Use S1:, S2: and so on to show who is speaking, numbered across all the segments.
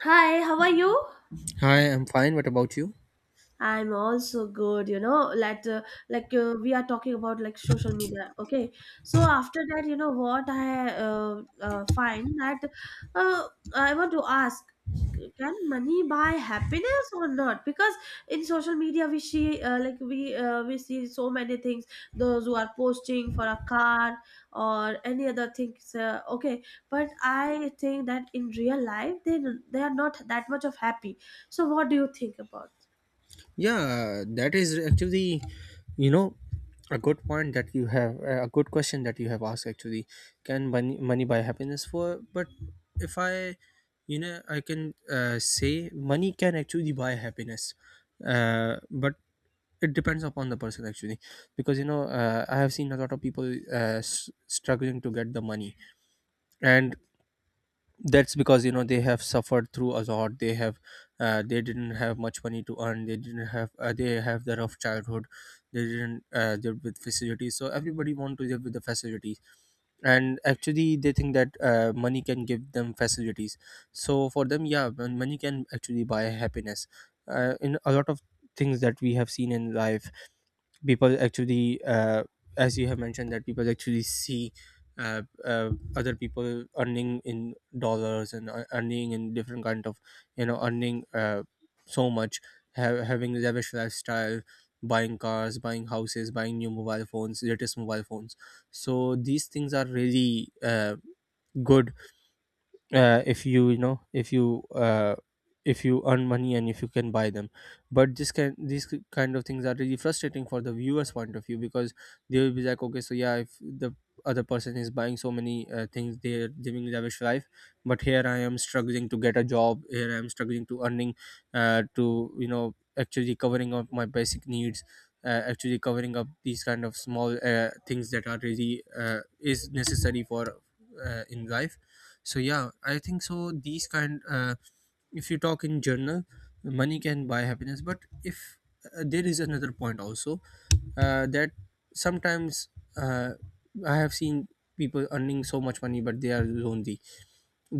S1: Hi, how are you?
S2: Hi, I'm fine. What about you?
S1: I'm also good, you know, we are talking about like social media, okay? So after that, you know what I find that uh, I want to ask, can money buy happiness or not? Because in social media, we see like we see so many things. Those who are posting for a car or any other things, okay. But I think that in real life, they are not that much of happy. So what do you think about?
S2: Yeah, that is actually, you know, a good point that you have, a good question that you have asked actually. Can money buy happiness for? But if I, you know, I can say money can actually buy happiness. But it depends upon the person actually because you know I have seen a lot of people struggling to get the money. And that's because you know they have suffered through a lot. They have they didn't have much money to earn. They didn't have, they have the rough childhood. They didn't live with facilities, so everybody want to live with the facilities, and actually they think that money can give them facilities. So for them, yeah, money can actually buy happiness. In a lot of things that we have seen in life, people actually, as you have mentioned, that people actually see, uh, uh, other people earning in dollars and earning in different kind of, you know, earning, so much, having lavish lifestyle, buying cars, buying houses, buying new mobile phones, latest mobile phones. So these things are really, good, if you, you know, if you, if you earn money and if you can buy them. But this can, these kind of things are really frustrating for the viewers point of view, because they will be like, okay, so yeah, if the other person is buying so many, things, they're living lavish life, but here I am struggling to get a job, here I am struggling to earning, to you know actually covering up my basic needs, actually covering up these kind of small, things that are really, is necessary for, in life. So yeah, I think so these kind, if you talk in general, money can buy happiness. But if, there is another point also, that sometimes, uh, I have seen people earning so much money, but they are lonely.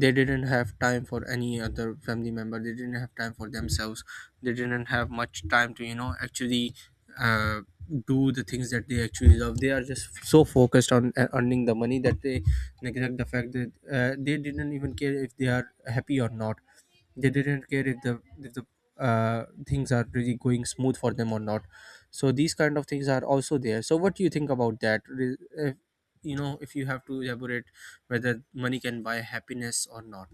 S2: They didn't have time for any other family member, they didn't have time for themselves, they didn't have much time to you know actually, uh, do the things that they actually love. They are just so focused on, earning the money, that they neglect the fact that, they didn't even care if they are happy or not. They didn't care if the things are really going smooth for them or not. So these kind of things are also there. So what do you think about that, uh, you know, if you have to elaborate, whether money can buy happiness or not?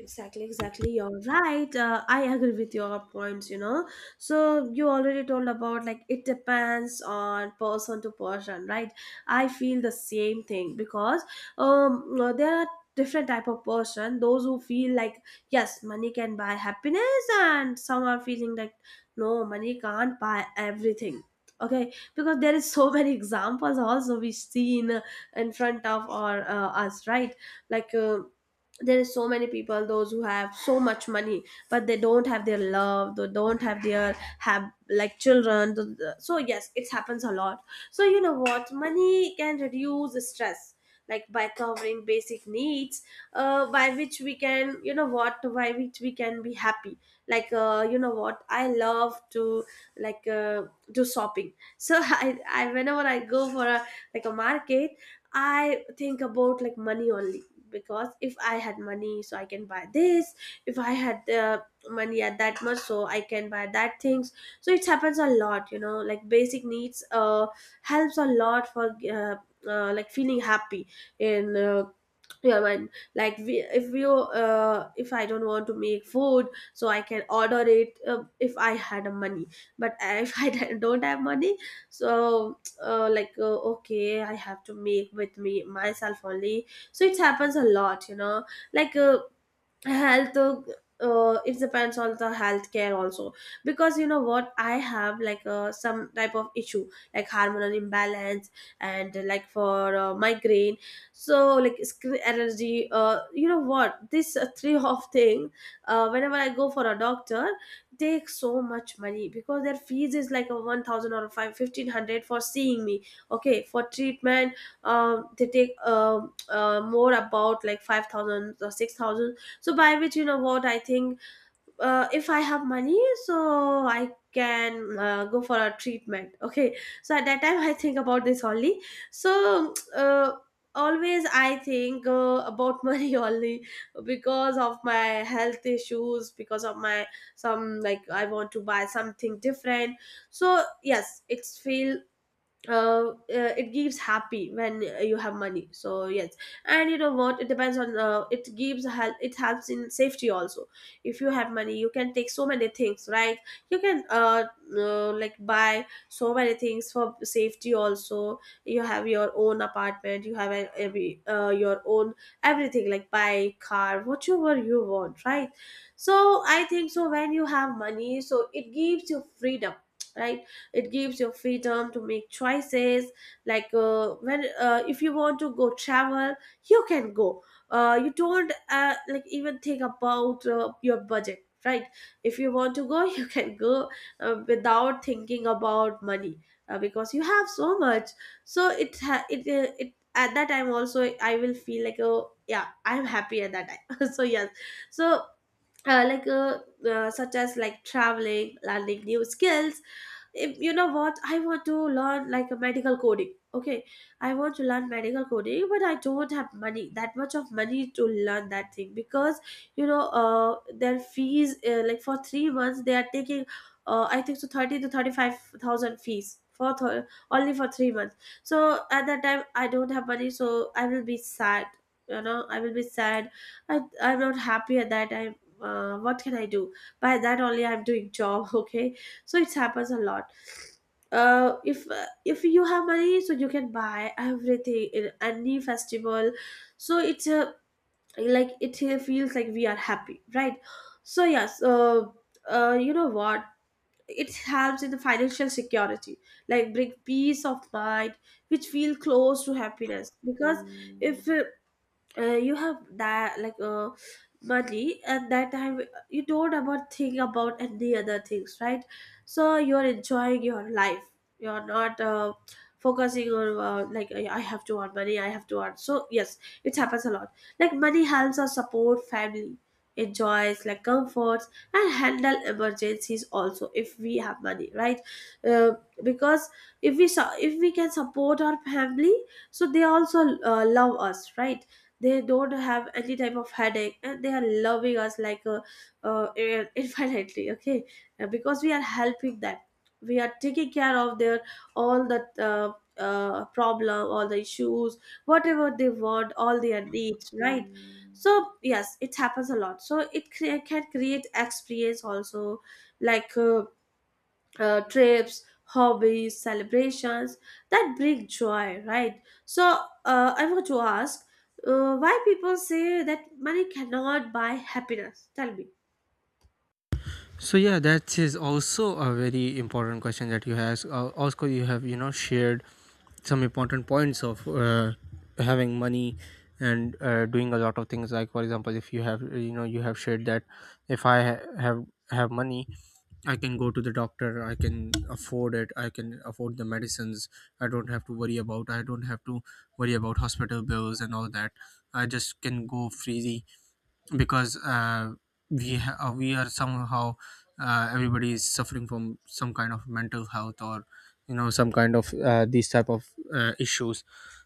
S1: Exactly, exactly. You're right. I agree with your points, you know. So, you already told about like it depends on person to person, right? I feel the same thing because there are different type of person those who feel like yes money can buy happiness, and some are feeling like no, money can't buy everything, okay? Because there is so many examples also we see in front of our us, right? like uh, there is so many people those who have so much money but they don't have their love, they don't have their have like children so yes, it happens a lot. So you know what, money can reduce the stress like by covering basic needs, by which we can, you know what, by which we can be happy. You know what, I love to like uh, do shopping. So I, whenever I go for a like a market, I think about like money only. Because if I had money, so I can buy this. If I had money at that much, so I can buy that things. So it happens a lot, you know, like basic needs helps a lot for like feeling happy in yeah man. Like we, if you if I don't want to make food, so I can order it, if I had a money. But if I don't have money, so okay I have to make with me myself only. So it happens a lot, you know. like uh, health it depends on the healthcare also, because you know what, I have like some type of issue like hormonal imbalance and like for migraine, so like skin allergy, you know what, this three of thing, whenever I go for a doctor, take so much money because their fees is like a 1000 or 5 1500 for seeing me, okay, for treatment. They take more about like 5000 or 6000. So by which, you know what I think, if I have money, so I can go for a treatment, okay? So at that time I think about this only. So always I think about money only, because of my health issues, because of my some, like I want to buy something different. So yes, it's feel uh, uh, it gives happy when you have money. So yes. And you know what, it depends on it gives help, it helps in safety also. If you have money, you can take so many things, right? You can like buy so many things for safety also. You have your own apartment, you have every your own everything, like bike, car, whatever you want, right? So I think so, when you have money, so it gives you freedom, right? It gives your freedom to make choices. Like when if you want to go travel, you can go. You don't like even think about your budget, right? If you want to go you can go, without thinking about money, because you have so much. So it ha- it it at that time also I will feel like, oh yeah, I'm happy at that time so yes. So uh, like uh, such as like traveling, learning new skills. If- you know what, I want to learn like a medical coding, okay? I want to learn medical coding, but I don't have money, that much of money to learn that thing. Because you know their fees like for 3 months they are taking, I think so 30 to 35,000 fees for th- only for 3 months. So at that time I don't have money, so I will be sad, you know, I will be sad. I'm not happy at that time. Uh, what can I do? By that only I'm doing job okay. So it happens a lot. If you have money, so you can buy everything in any festival. So it's like it feels like we are happy, right? So yes, you know what, it helps in the financial security, like bring peace of mind, which feel close to happiness. Because if you have that like money and that time you don't about think about any other things, right? So you're enjoying your life. You're not focusing on like I have to earn money, I have to earn. So yes, it happens a lot. Like money helps us support family, enjoys like comforts, and handle emergencies also if we have money, right? Uh, because if we su- if we can support our family, so they also love us, right? They don't have any type of headache and they are loving us like in- infinitely, okay? Because we are helping them, we are taking care of their all the uh, problem, all the issues, whatever they want, all their needs, right? So yes, it happens a lot. So can create experience also, like trips, hobbies, celebrations, that bring joy, right? So I want to ask, why people say that money cannot buy happiness, tell me.
S2: So yeah, that is also a very important question that you have, also you have, you know, shared some important points of, having money and, doing a lot of things. Like for example, if you have, you know, you have shared that if I have money, I can go to the doctor, I can afford it, I can afford the medicines. I don't have to worry about, I don't have to worry about hospital bills and all that. I just can go freely because, we we are somehow, everybody is suffering from some kind of mental health, or you know some kind of, these type of, issues.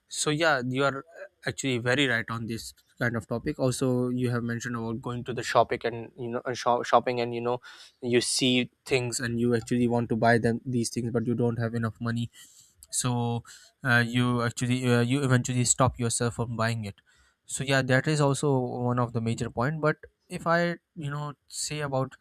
S2: So yeah, you are actually very right on this kind of topic. Also you have mentioned about going to the shopping, and you know, shopping, and you know, you see things and you actually want to buy them, these things, but you don't have enough money. So, you actually, you eventually stop yourself from buying it. So yeah, that is also one of the major point. But if I you know say about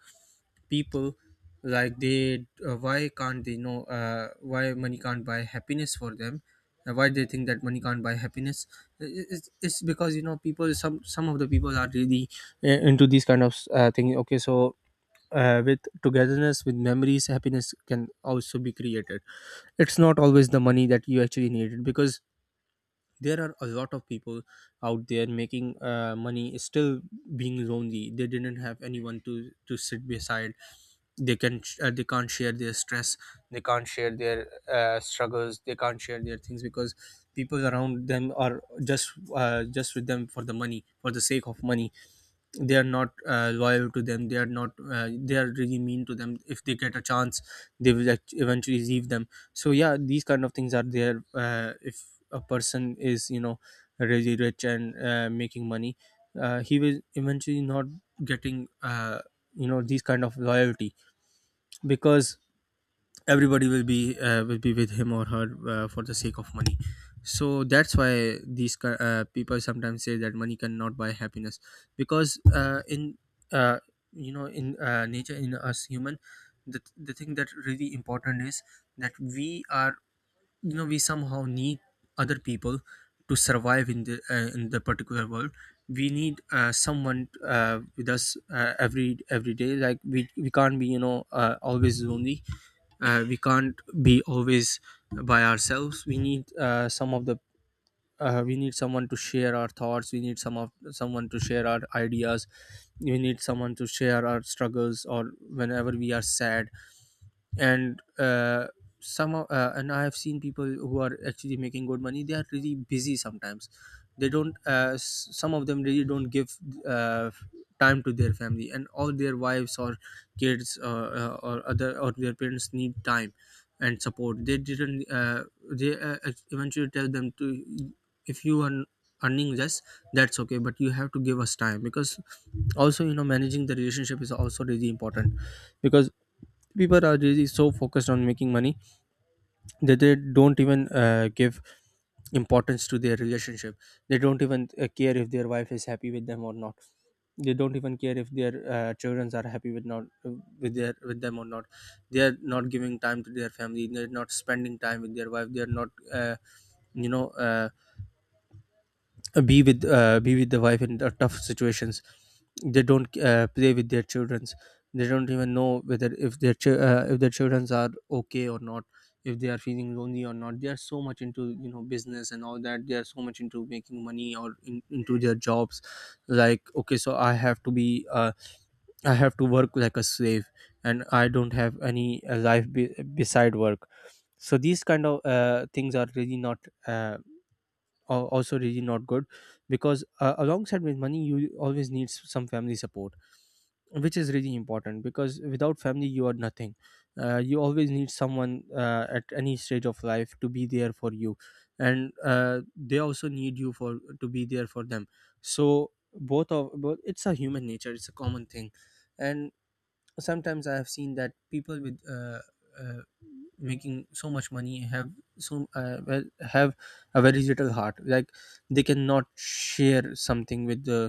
S2: people, like they, why can't they know, why money can't buy happiness for them, why they think that money can't buy happiness. It's because you know people, some of the people are really, into these kind of, thing, okay. So, with togetherness, with memories, happiness can also be created. It's not always the money that you actually needed, because there are a lot of people out there making, money, still being lonely. They didn't have anyone to sit beside. They can, they can't share their stress, they can't share their, struggles, they can't share their things, because people around them are just, just with them for the money, for the sake of money. They are not, loyal to them, they are not, they are really mean to them. If they get a chance, they will eventually leave them. So yeah, these kind of things are there. Uh, if a person is you know really rich and, making money, he will eventually not getting, you know, these kind of loyalty, because everybody will be, will be with him or her, for the sake of money. So that's why these people sometimes say that money cannot buy happiness, because, in uh, you know, in, nature, in us human, the thing that really important is that we are, you know, we somehow need other people to survive in the, in the particular world. We need, someone, with us, every day. Like we can't be, you know, always lonely, we can't be always by ourselves. We need, some of the, we need someone to share our thoughts, we need someone to share our ideas, we need someone to share our struggles, or whenever we are sad. And, and I have seen people who are actually making good money, they are really busy sometimes, they don't, some of them really don't give, uh, time to their family and all, their wives or kids, or other, or their parents need time and support. They didn't, they, eventually tell them to, if you are earning less, that's okay, but you have to give us time, because also you know managing the relationship is also really important. Because people are really so focused on making money that they don't even, give importance to their relationship. They don't even, care if their wife is happy with them or not. They don't even care if their, children are happy with not, with their, with them or not. They are not giving time to their family, they're not spending time with their wife, they're not, uh, you know uh, be with, be with the wife in the tough situations. They don't, play with their childrens. They don't even know whether if their if their childrens are okay or not, if they are feeling lonely or not. They are so much into, you know, business and all that, they are so much into making money, or into their jobs, like, okay, so I have to be, I have to work like a slave, and I don't have any, life beside work. So these kind of, things are really not, uh, also really not good. Because, alongside with money, you always need some family support, which is really important, because without family you are nothing. Uh, you always need someone, at any stage of life to be there for you, and, they also need you for to be there for them. So both, it's a human nature, it's a common thing. And sometimes I have seen that people with, uh, making so much money have so, well, have a very little heart. Like, they cannot share something with the,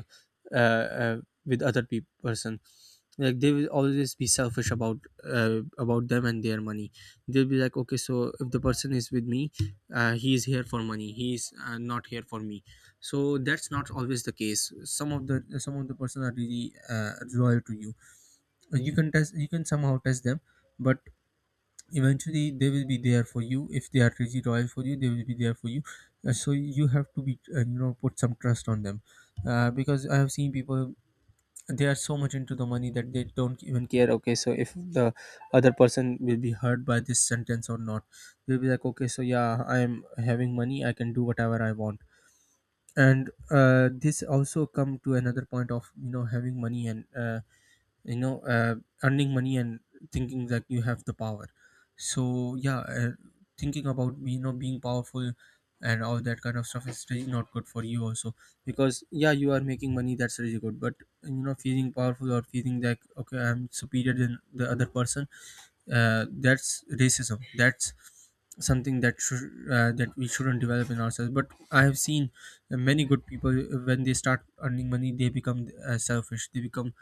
S2: uh, uh, with other person. Like they will always be selfish about, about them and their money. They'll be like, okay, so if the person is with me, he is here for money, he is, not here for me. So that's not always the case. Some of the person are really, loyal to you. Like, you can test, you can somehow test them, but eventually they will be there for you. If they are really loyal for you, they will be there for you. So you have to be, you know, put some trust on them. Uh, because I have seen people, they are so much into the money that they don't even care, okay, so if the other person will be hurt by this sentence or not. They'll be like, okay, so yeah, I am having money, I can do whatever I want. And, this also come to another point of, you know, having money and, you know uh, earning money, and Thinking that you have the power. So yeah, thinking about being powerful and all that kind of stuff is really not good for you also, because yeah, you are making money, that's really good, but you know, feeling powerful or feeling like okay, I'm superior than the other person. That's racism, that's something that should, that we shouldn't develop in ourselves. But I have seen many good people, when they start earning money they become selfish, they become,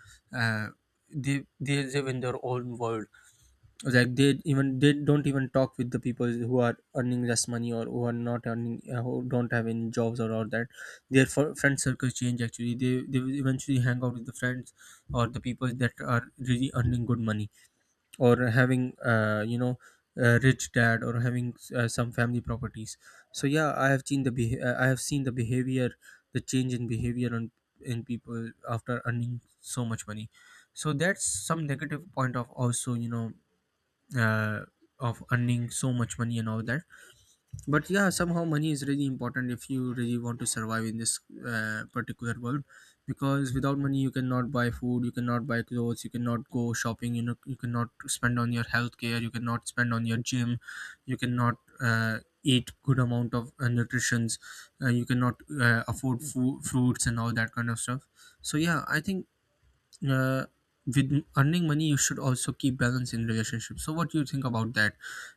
S2: uh, they live in their own world, like they even, they don't even talk with the people who are earning less money or who are not earning, who don't have any jobs or all that. Their friend circle change, actually they will eventually hang out with the friends or the people that are really earning good money, or having a rich dad, or having some family properties. So yeah, I have seen the I have seen the behavior, the change in behavior on in people after earning so much money. So that's some negative point of also, uh, of earning so much money and all that. But yeah, somehow money is really important if you really want to survive in this particular world, because without money you cannot buy food, you cannot buy clothes, you cannot go shopping, you know, you cannot spend on your healthcare, you cannot spend on your gym, you cannot eat good amount of nutritions. You cannot afford fruits and all that kind of stuff. So yeah, I think uh, with earning money you should also keep balance in relationships. So what do you think about that?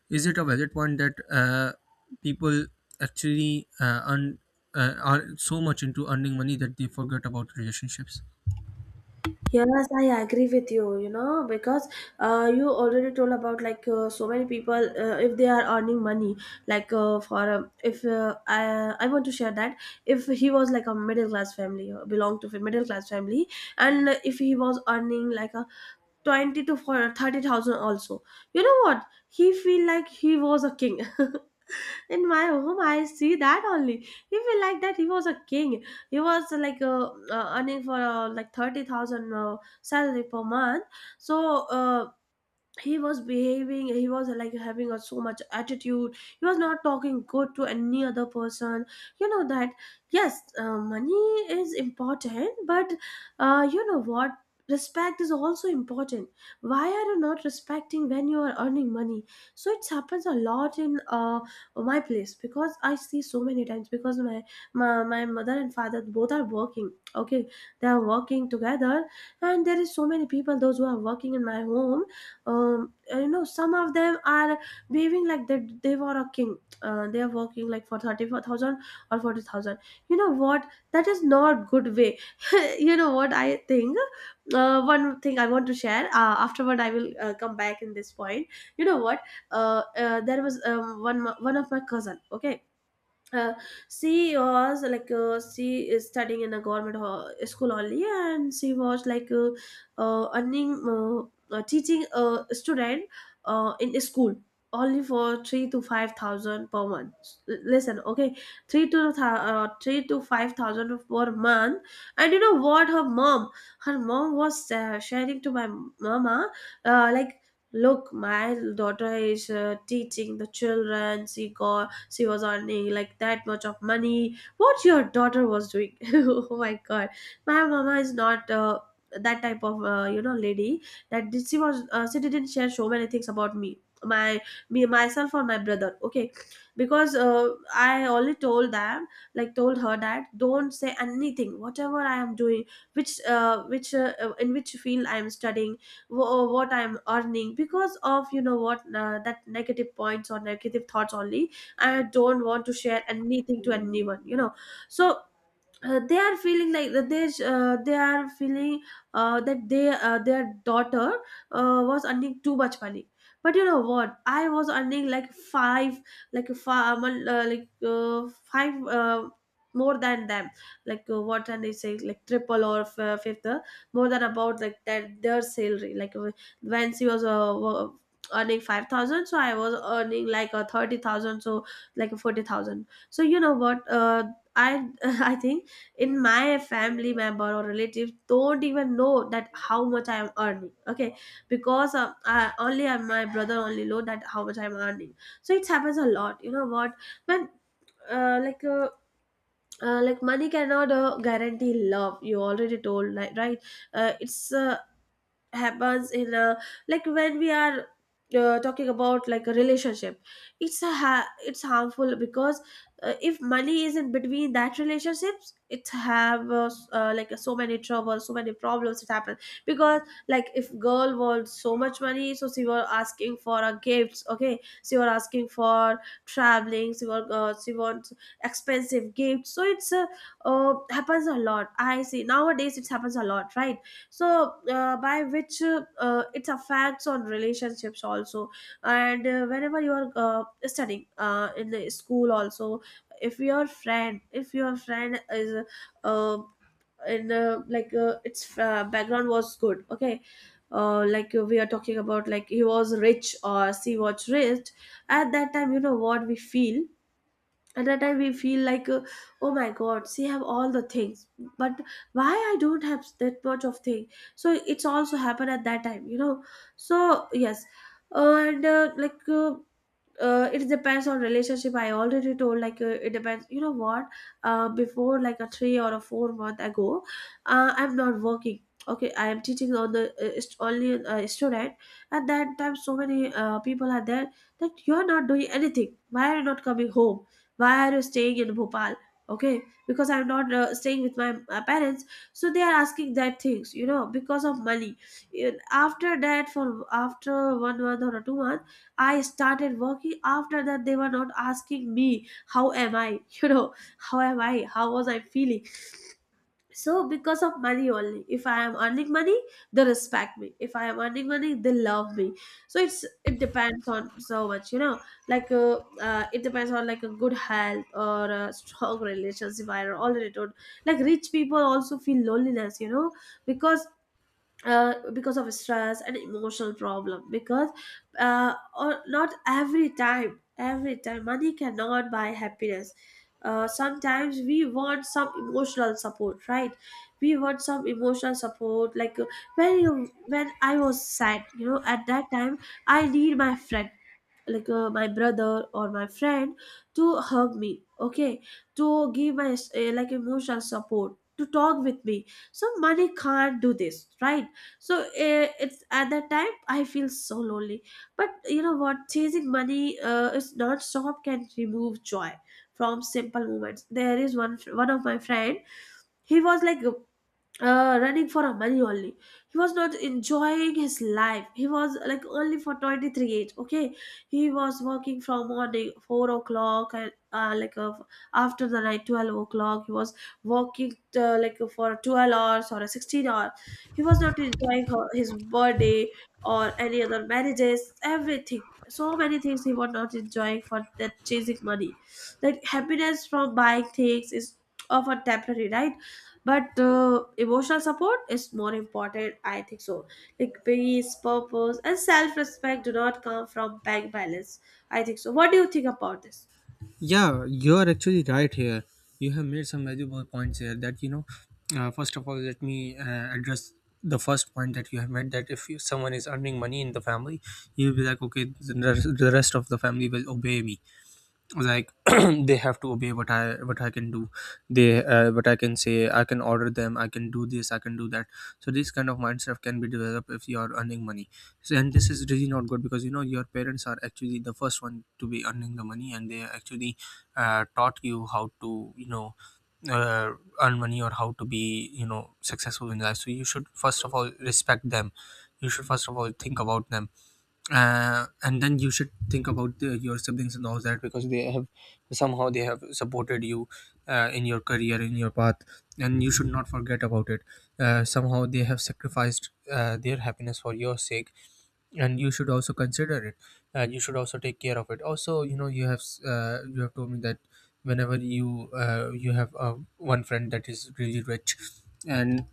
S2: Is it a valid point that, people actually, are so much into earning money that they forget about relationships?
S1: Yes, I agree with you, you know, because you already told about like so many people, if they are earning money, like for if I want to share that, if he was like a middle class family, belonged to a middle class family, and if he was earning like a 20 to for 30,000 also. You know what? He feel like he was a king. In my home, I see that only. He feel like that he was a king. He was like earning for like 30,000 salary per month. So. He was behaving, he was like having a so much attitude, he was not talking good to any other person. You know that yes, money is important, but you know what, respect is also important. Why are you not respecting when you are earning money? So it happens a lot in my place, because I see so many times. Because my mother and father both are working, okay? They are working together. And there is so many people those who are working in my home. Um, you know, some of them are behaving like they were a king, they are working like for 34,000 or 40,000. You know what, that is not good way. You know what I think, one thing I want to share, afterward I will come back in this point. You know what, there was one of my cousin, okay? Uh, she was like she is studying in a government ho- school only, and she was like earning teaching a student in a school only for 3 to 5,000 per month. L- listen okay, 3 to 5,000 per month. And you know what, her mom, her mom was sharing to my mama, like, look, my daughter is teaching the children, she got, she was earning like that much of money, what your daughter was doing. Oh my god. My mama is not that type of you know, lady. She was she didn't share so many things about my me myself or my brother, okay? Because I only told them, like told her that, don't say anything whatever I am doing, which in which field I am studying, what I am earning. Because of you know what, that negative points or negative thoughts only, I don't want to share anything to anyone, you know. So they are feeling like that they are feeling that they their daughter was earning too much money. But you know what, I was earning like five, like five five more than them, like what can I Say like triple or fifth, more than about like that their salary. Like when she was earning 5,000, so I was earning like 30,000, so like 40,000. So you know what, I I think in my family member or relative don't even know that how much I am earning. Okay, because only my brother only know that how much I am earning. So it happens a lot, you know what, when uh, like uh, like money cannot guarantee love, you already told, like, right? It's happens in a, like when we are talking about like a relationship, it's it's harmful because, if money is in between that relationships, it have like so many troubles, so many problems it happen. Because like if girl wants so much money, so she was asking for a gifts, okay, she was asking for traveling, she was she wants expensive gifts. So it's happens a lot, I see nowadays it happens a lot, right? So by which it affects on relationships also. And whenever you are studying in the school also, if your friend is uh, in like its background was good, okay, we are talking about like he was rich or she was rich. At that time, you know what we feel, at that time we feel like, oh my god, she have all the things, but why I don't have that much of thing? So it's also happened at that time, you know. So yes. And it depends on relationship, I already told, like, it depends, you know what, before like a three or a four month ago, I'm not working, okay, I am teaching on the only student. At that time, so many people are there, that you're not doing anything, why are you not coming home, why are you staying in Bhopal? Okay, because I'm not staying with my parents, so they are asking that things, you know, because of money. And after that, for after one month or two months, I started working. After that, they were not asking me how am I, you know, how am I, how was I feeling. So because of money only, if I am earning money they respect me, if I am earning money they love me. So it's, it depends on so much, you know. Like it depends on like a good health or a strong relationship, I already told. Like rich people also feel loneliness, you know, because because of stress and emotional problem. Because or not every time, every time money cannot buy happiness. Sometimes we want some emotional support, right? We want some emotional support, like, when you, when I was sad, you know, at that time I need my friend, like my brother or my friend, to hug me, okay, to give my like emotional support, to talk with me. So money can't do this, right? So it's at that time I feel so lonely. But you know what, chasing money is not stop, can remove joy from simple moments. There is one of my friend, he was like running for a money only. He was not enjoying his life. He was like only for 23 age. Okay, he was working from morning 4 o'clock and after the night 12 o'clock. He was working like for 12 hours or a 16 hour. He was not enjoying his birthday or any other marriages, everything. So many things he was not enjoying for that chasing money. Like happiness from buying things is often temporary, right? But emotional support is more important, I think so. Like peace, purpose and self-respect do not come from bank balance, I think so. What do you think about this?
S2: Yeah, you are actually right here. You have made some valuable points here, that you know. First of all, let me address the first point that you have made, that if someone is earning money in the family, you'll be like, okay, the the rest of the family will obey me. Like, they have to obey what I can do. They, what I can say, I can order them, I can do this, I can do that. So this kind of mindset can be developed if you are earning money. So, and this is really not good, because you know your parents are actually the first one to be earning the money, and they actually taught you how to, you know, uh, earn money or how to be, you know, successful in life. So you should first of all respect them, you should first of all think about them. And then you should think about your siblings and all that, because they have, somehow they have supported you in your career, in your path, and you should not forget about it. Somehow they have sacrificed their happiness for your sake, and you should also consider it. And you should also take care of it also, you know. You have you have told me that whenever you, you have one friend that is really rich, and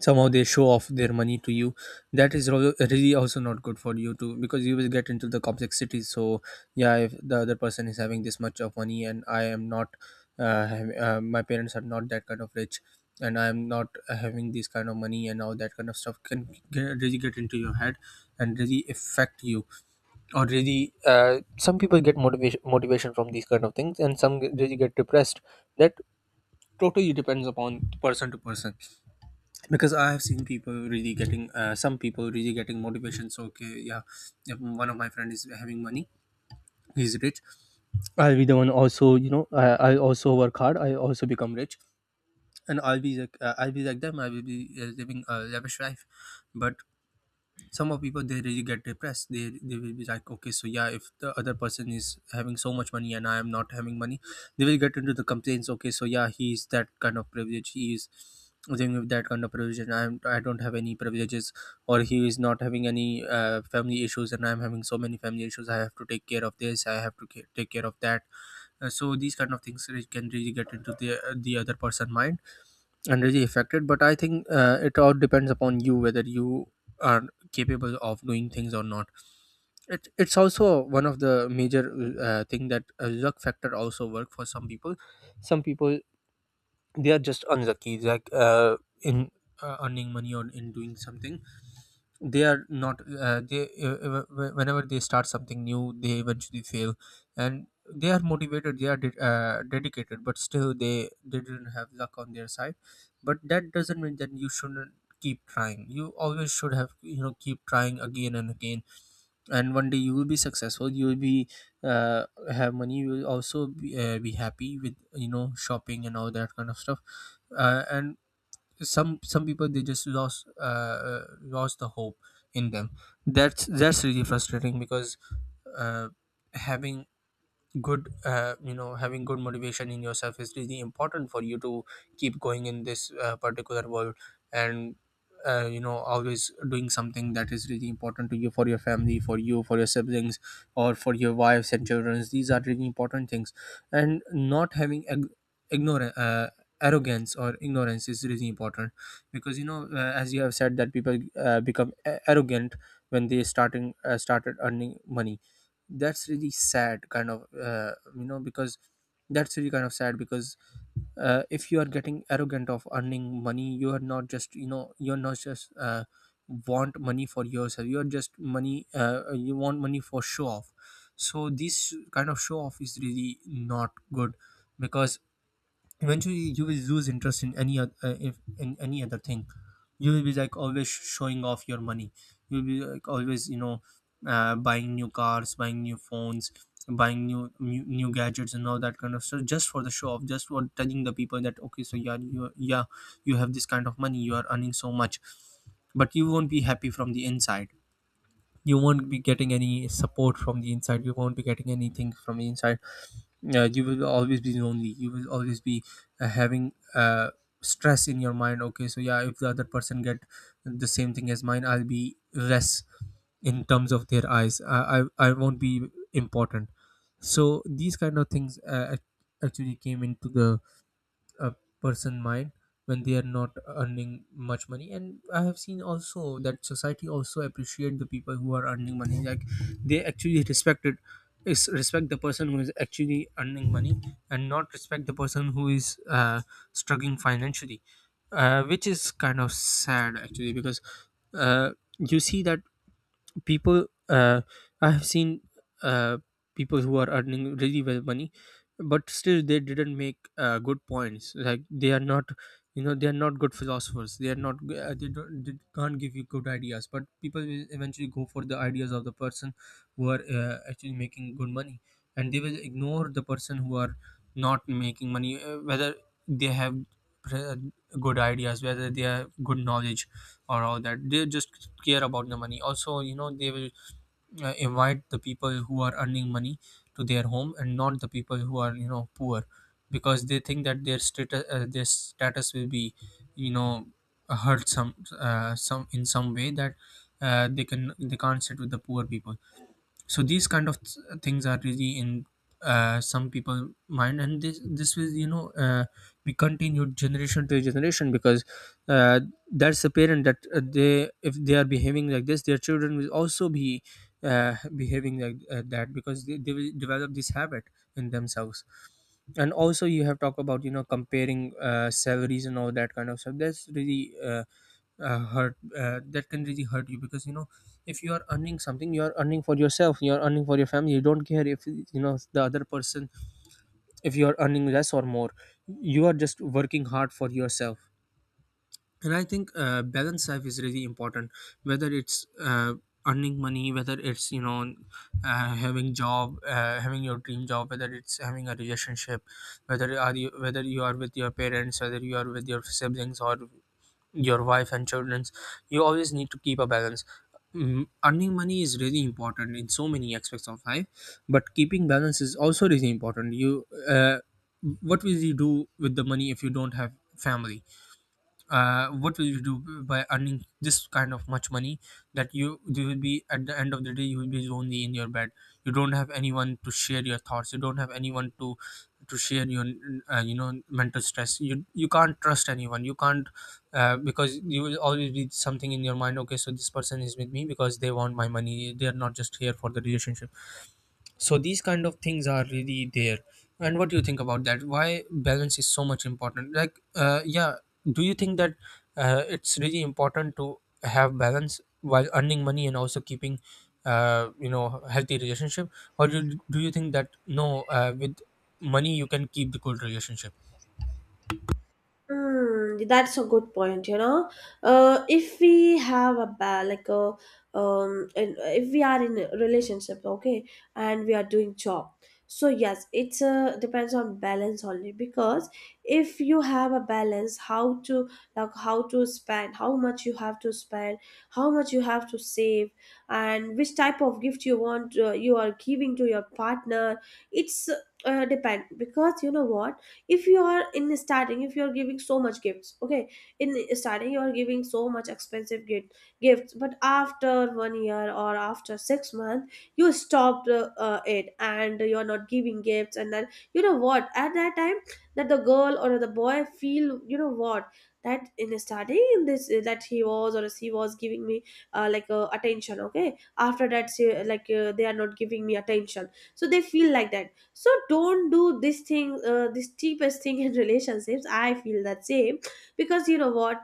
S2: somehow they show off their money to you, that is really also not good for you too, because you will get into the complexity. So yeah, if the other person is having this much of money and I am not, my parents are not that kind of rich, and I am not having this kind of money, and all that kind of stuff can get, really get into your head and really affect you. Or really, some people get motivation, motivation from these kind of things, and some really get depressed. That totally depends upon person to person, because I have seen people really getting, some people really getting motivation. So okay, yeah, if one of my friend is having money, he's rich, I'll be the one also, you know, I also work hard, I also become rich, and I'll be like, I'll be like them, I will be living a lavish life. But some of people, they really get depressed, they will be like, okay so yeah, if the other person is having so much money and I am not having money, they will get into the complaints. Okay so yeah, he is that kind of privilege, he is living with that kind of privilege, and I don't have any privileges. Or he is not having any family issues, and I'm having so many family issues, I have to take care of this, I have to take care of that. So these kind of things can really get into the other person mind and really affected. But I think, it all depends upon you, whether you are capable of doing things or not. It's also one of the major thing that, luck factor also work for some people. Some people, they are just unlucky, like in earning money or in doing something. They are not, whenever they start something new, they eventually fail. And they are motivated, they are dedicated, but still they didn't have luck on their side. But that doesn't mean that you shouldn't keep trying. You always should have, you know, keep trying again and again, and one day you will be successful, you will be uh, have money, you will also be happy with, you know, shopping and all that kind of stuff. And some people, they just lost, lost the hope in them. That's really frustrating, because uh, having good, having good motivation in yourself is really important for you to keep going in this particular world. And you know, always doing something that is really important to you, for your family, for you, for your siblings, or for your wives and children, these are really important things. And not having ag- ignore arrogance or ignorance is really important, because you know, as you have said, that people become arrogant when they starting started earning money. That's really sad kind of, because, that's really kind of sad, because if you are getting arrogant of earning money, you are not just, you know, you're not just want money for yourself, you're just money you want money for show off. So this kind of show off is really not good, because eventually you will lose interest in any other, if in any other thing. You will be like always showing off your money, you'll be like always, you know, buying new cars, buying new phones, buying new gadgets and all that kind of stuff, just for the show off, just for telling the people that, okay so yeah, you you have this kind of money, you are earning so much. But you won't be happy from the inside, you won't be getting any support from the inside, you won't be getting anything from the inside. You will always be lonely, you will always be having stress in your mind. Okay so yeah, if the other person get the same thing as mine, I'll be less in terms of their eyes. I won't be important. So these kind of things, actually came into the, a person mind when they are not earning much money. And I have seen also that society also appreciate the people who are earning money. Like they actually respect the person who is actually earning money, and not respect the person who is struggling financially, which is kind of sad actually. Because uh, you see that, people, I have seen, uh, people who are earning really well money, but still they didn't make good points. Like they are not, you know, they are not good philosophers, they are not they can't give you good ideas, but people will eventually go for the ideas of the person who are actually making good money, and they will ignore the person who are not making money, whether they have pre- good ideas, whether they have good knowledge or all that. They just care about the money also, you know. They will invite the people who are earning money to their home, and not the people who are, you know, poor, because they think that their status, their status will be, you know, hurt some, some in some way, that they can They can't sit with the poor people. So these kind of things are really in some people mind, and this will be continued generation to generation, because uh, that's apparent that they if they are behaving like this, their children will also be behaving like that, because they will develop this habit in themselves. And also, you have talked about, comparing salaries and all that kind of stuff. That's really hurt, that can really hurt you, because if you are earning something, you are earning for yourself, you are earning for your family. You don't care if the other person, if you are earning less or more, you are just working hard for yourself. And I think balance life is really important, whether it's earning money, whether it's having job, having your dream job, whether it's having a relationship, whether are you, whether you are with your parents, whether you are with your siblings, or your wife and children's, you always need to keep a balance. Mm, earning money is really important in so many aspects of life, but keeping balance is also really important. You What will you do with the money if you don't have family? What will you do by earning this kind of much money, that you will be, at the end of the day, you will be lonely in your bed? You don't have anyone to share your thoughts, you don't have anyone to share your mental stress. You can't trust anyone, you can't because you will always be something in your mind: okay, so this person is with me because they want my money, they are not just here for the relationship. So these kind of things are really there. And what do you think about that, why balance is so much important? Like yeah, do you think that it's really important to have balance while earning money, and also keeping healthy relationship? Or do you think that no, with money you can keep the good relationship?
S1: Hmm, that's a good point, you know. If we have like a and if we are in a relationship, okay, and we are doing job, so yes, it's depends on balance only. Because if you have a balance, how to, like how to spend, how much you have to spend, how much you have to save, and which type of gift you want, you are giving to your partner, it's depend. Because you know what, if you are in starting, if you are giving so much gifts, okay, in starting you are giving so much expensive gifts, but after one year or after six months you stopped it, and you are not giving gifts, and then you know what, at that time, that the girl or the boy feel, you know what, that in starting in this, that he was or she was giving me attention, okay, after that she, like they are not giving me attention, so they feel like that. So don't do this thing, this cheapest thing in relationships, I feel that same. Because you know what,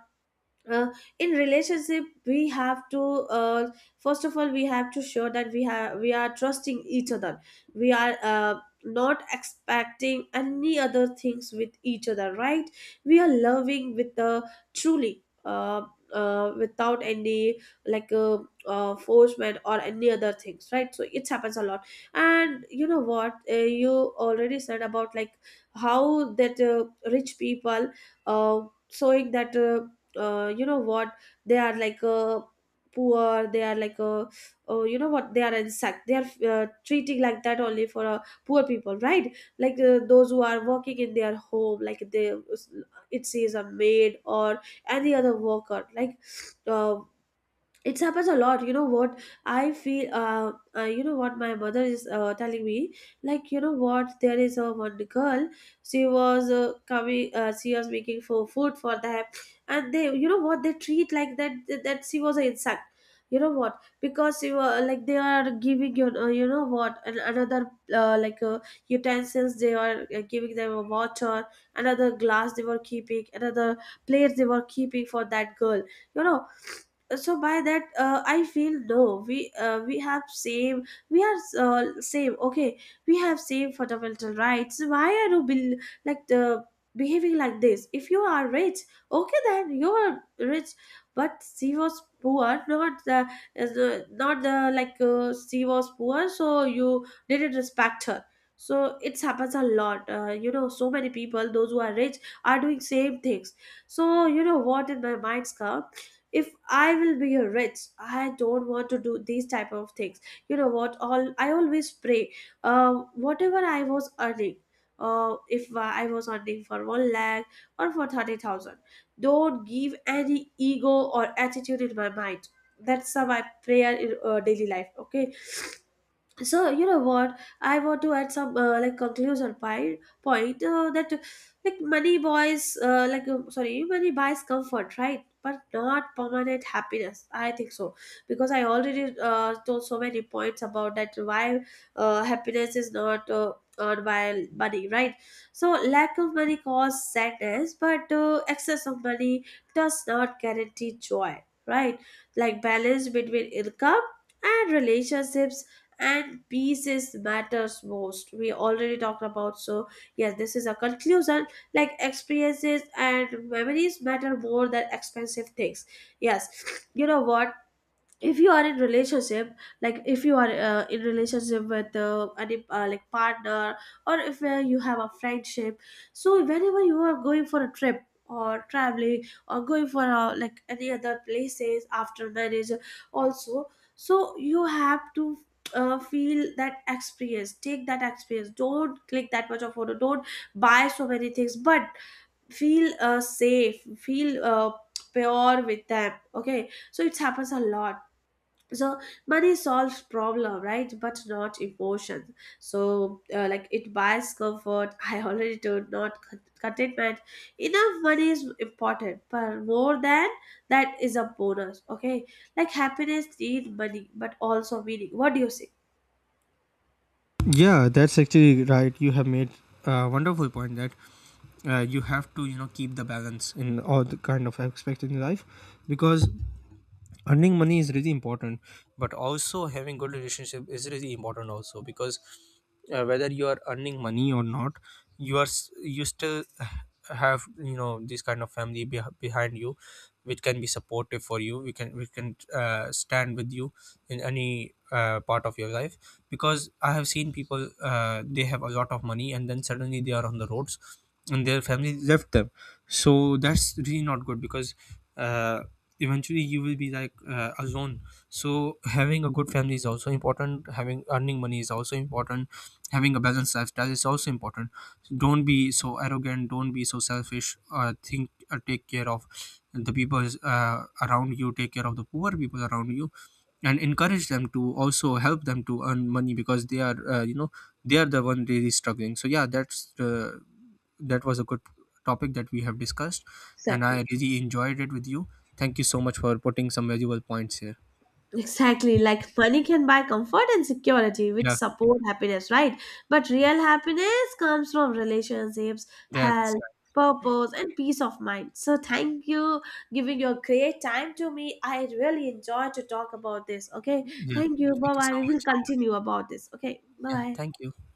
S1: uh, in relationship we have to uh, first of all we have to show that we have, we are trusting each other, we are not expecting any other things with each other, right? We are loving with the truly without any like uh, forcement or any other things, right? So it happens a lot. And you know what, you already said about like how that rich people uh, showing that you know what, they are like a poor, they are like a, oh you know what, they are insect, they are treating like that only for poor people, right? Like those who are working in their home, like they, it says a maid or any other worker, like uh, it happens a lot, you know what. I feel you know what, my mother is telling me, like you know what, there is a one girl, she was coming, she was making for food for them, and they, you know what, they treat like that, that she was an insect, you know what. Because you were like, they are giving you, you know what, another uh, like uh, utensils, they are giving them a water, another glass they were keeping, another plates they were keeping for that girl, you know. So by that, I feel no, we we have same, we are same, okay, we have same fundamental rights. Why are you like the behaving like this? If you are rich, okay, then you are rich, but she was poor, not is the, not the, like she was poor, so you didn't respect her. So it happens a lot, you know, so many people those who are rich are doing same things. So you know what, in my mind's come, if I will be a rich, I don't want to do these type of things. You know what, all I always pray, whatever I was earning, if I was earning for 1 lakh or for 30,000, don't give any ego or attitude in my mind. That's my prayer in daily life. Okay, so you know what, I want to add some like conclusion point, that like money buys sorry, money buys comfort, right? But not permanent happiness, I think so. Because I already told so many points about that, why happiness is not earned by money, right? So lack of money causes sadness, but excess of money does not guarantee joy, right? Like balance between income and relationships and pieces matters most, we already talked about. So yes, this is a conclusion. Like experiences and memories matter more than expensive things. Yes, you know what, if you are in relationship, like if you are in relationship with any like partner, or if you have a friendship, so whenever you are going for a trip or traveling or going for like any other places, after marriage also, so you have to feel that experience, take that experience, don't click that much of photo, don't buy so many things, but feel safe, feel pure with them, okay. So it happens a lot. So money solves problem, right? But not emotions. So like it buys comfort, I already told, not contentment. Enough money is important, but more than that is a bonus, okay. Like happiness need money but also meaning, what do you say?
S2: Yeah, that's actually right. You have made a wonderful point, that you have to, you know, keep the balance in all the kind of aspects in life, because earning money is really important, but also having good relationship is really important also, because whether you are earning money or not, you are you still have, you know, this kind of family behind you, which can be supportive for you, we can stand with you in any part of your life. Because I have seen people, they have a lot of money and then suddenly they are on the roads and their family left them. So that's really not good, because uh, eventually you will be like alone. So having a good family is also important, having earning money is also important, having a balanced lifestyle is also important. So don't be so arrogant, don't be so selfish. Think, take care of the people around you, take care of the poor people around you, and encourage them, to also help them to earn money, because they are, they are the one really struggling. So yeah, that's that was a good topic that we have discussed, and
S1: Exactly.
S2: I really enjoyed it with you. Thank you so much for putting some valuable points here.
S1: Exactly, like money can buy comfort and security, which
S2: Yeah,
S1: support happiness, right? But real happiness comes from relationships,
S2: that's
S1: health, purpose, and peace of mind. So thank you giving your great time to me. I really enjoy to talk about this. Okay,
S2: yeah,
S1: thank you.
S2: thank
S1: Bye
S2: you so
S1: bye. We will
S2: much.
S1: continue about this. Okay, bye
S2: Yeah, thank
S1: bye.
S2: you.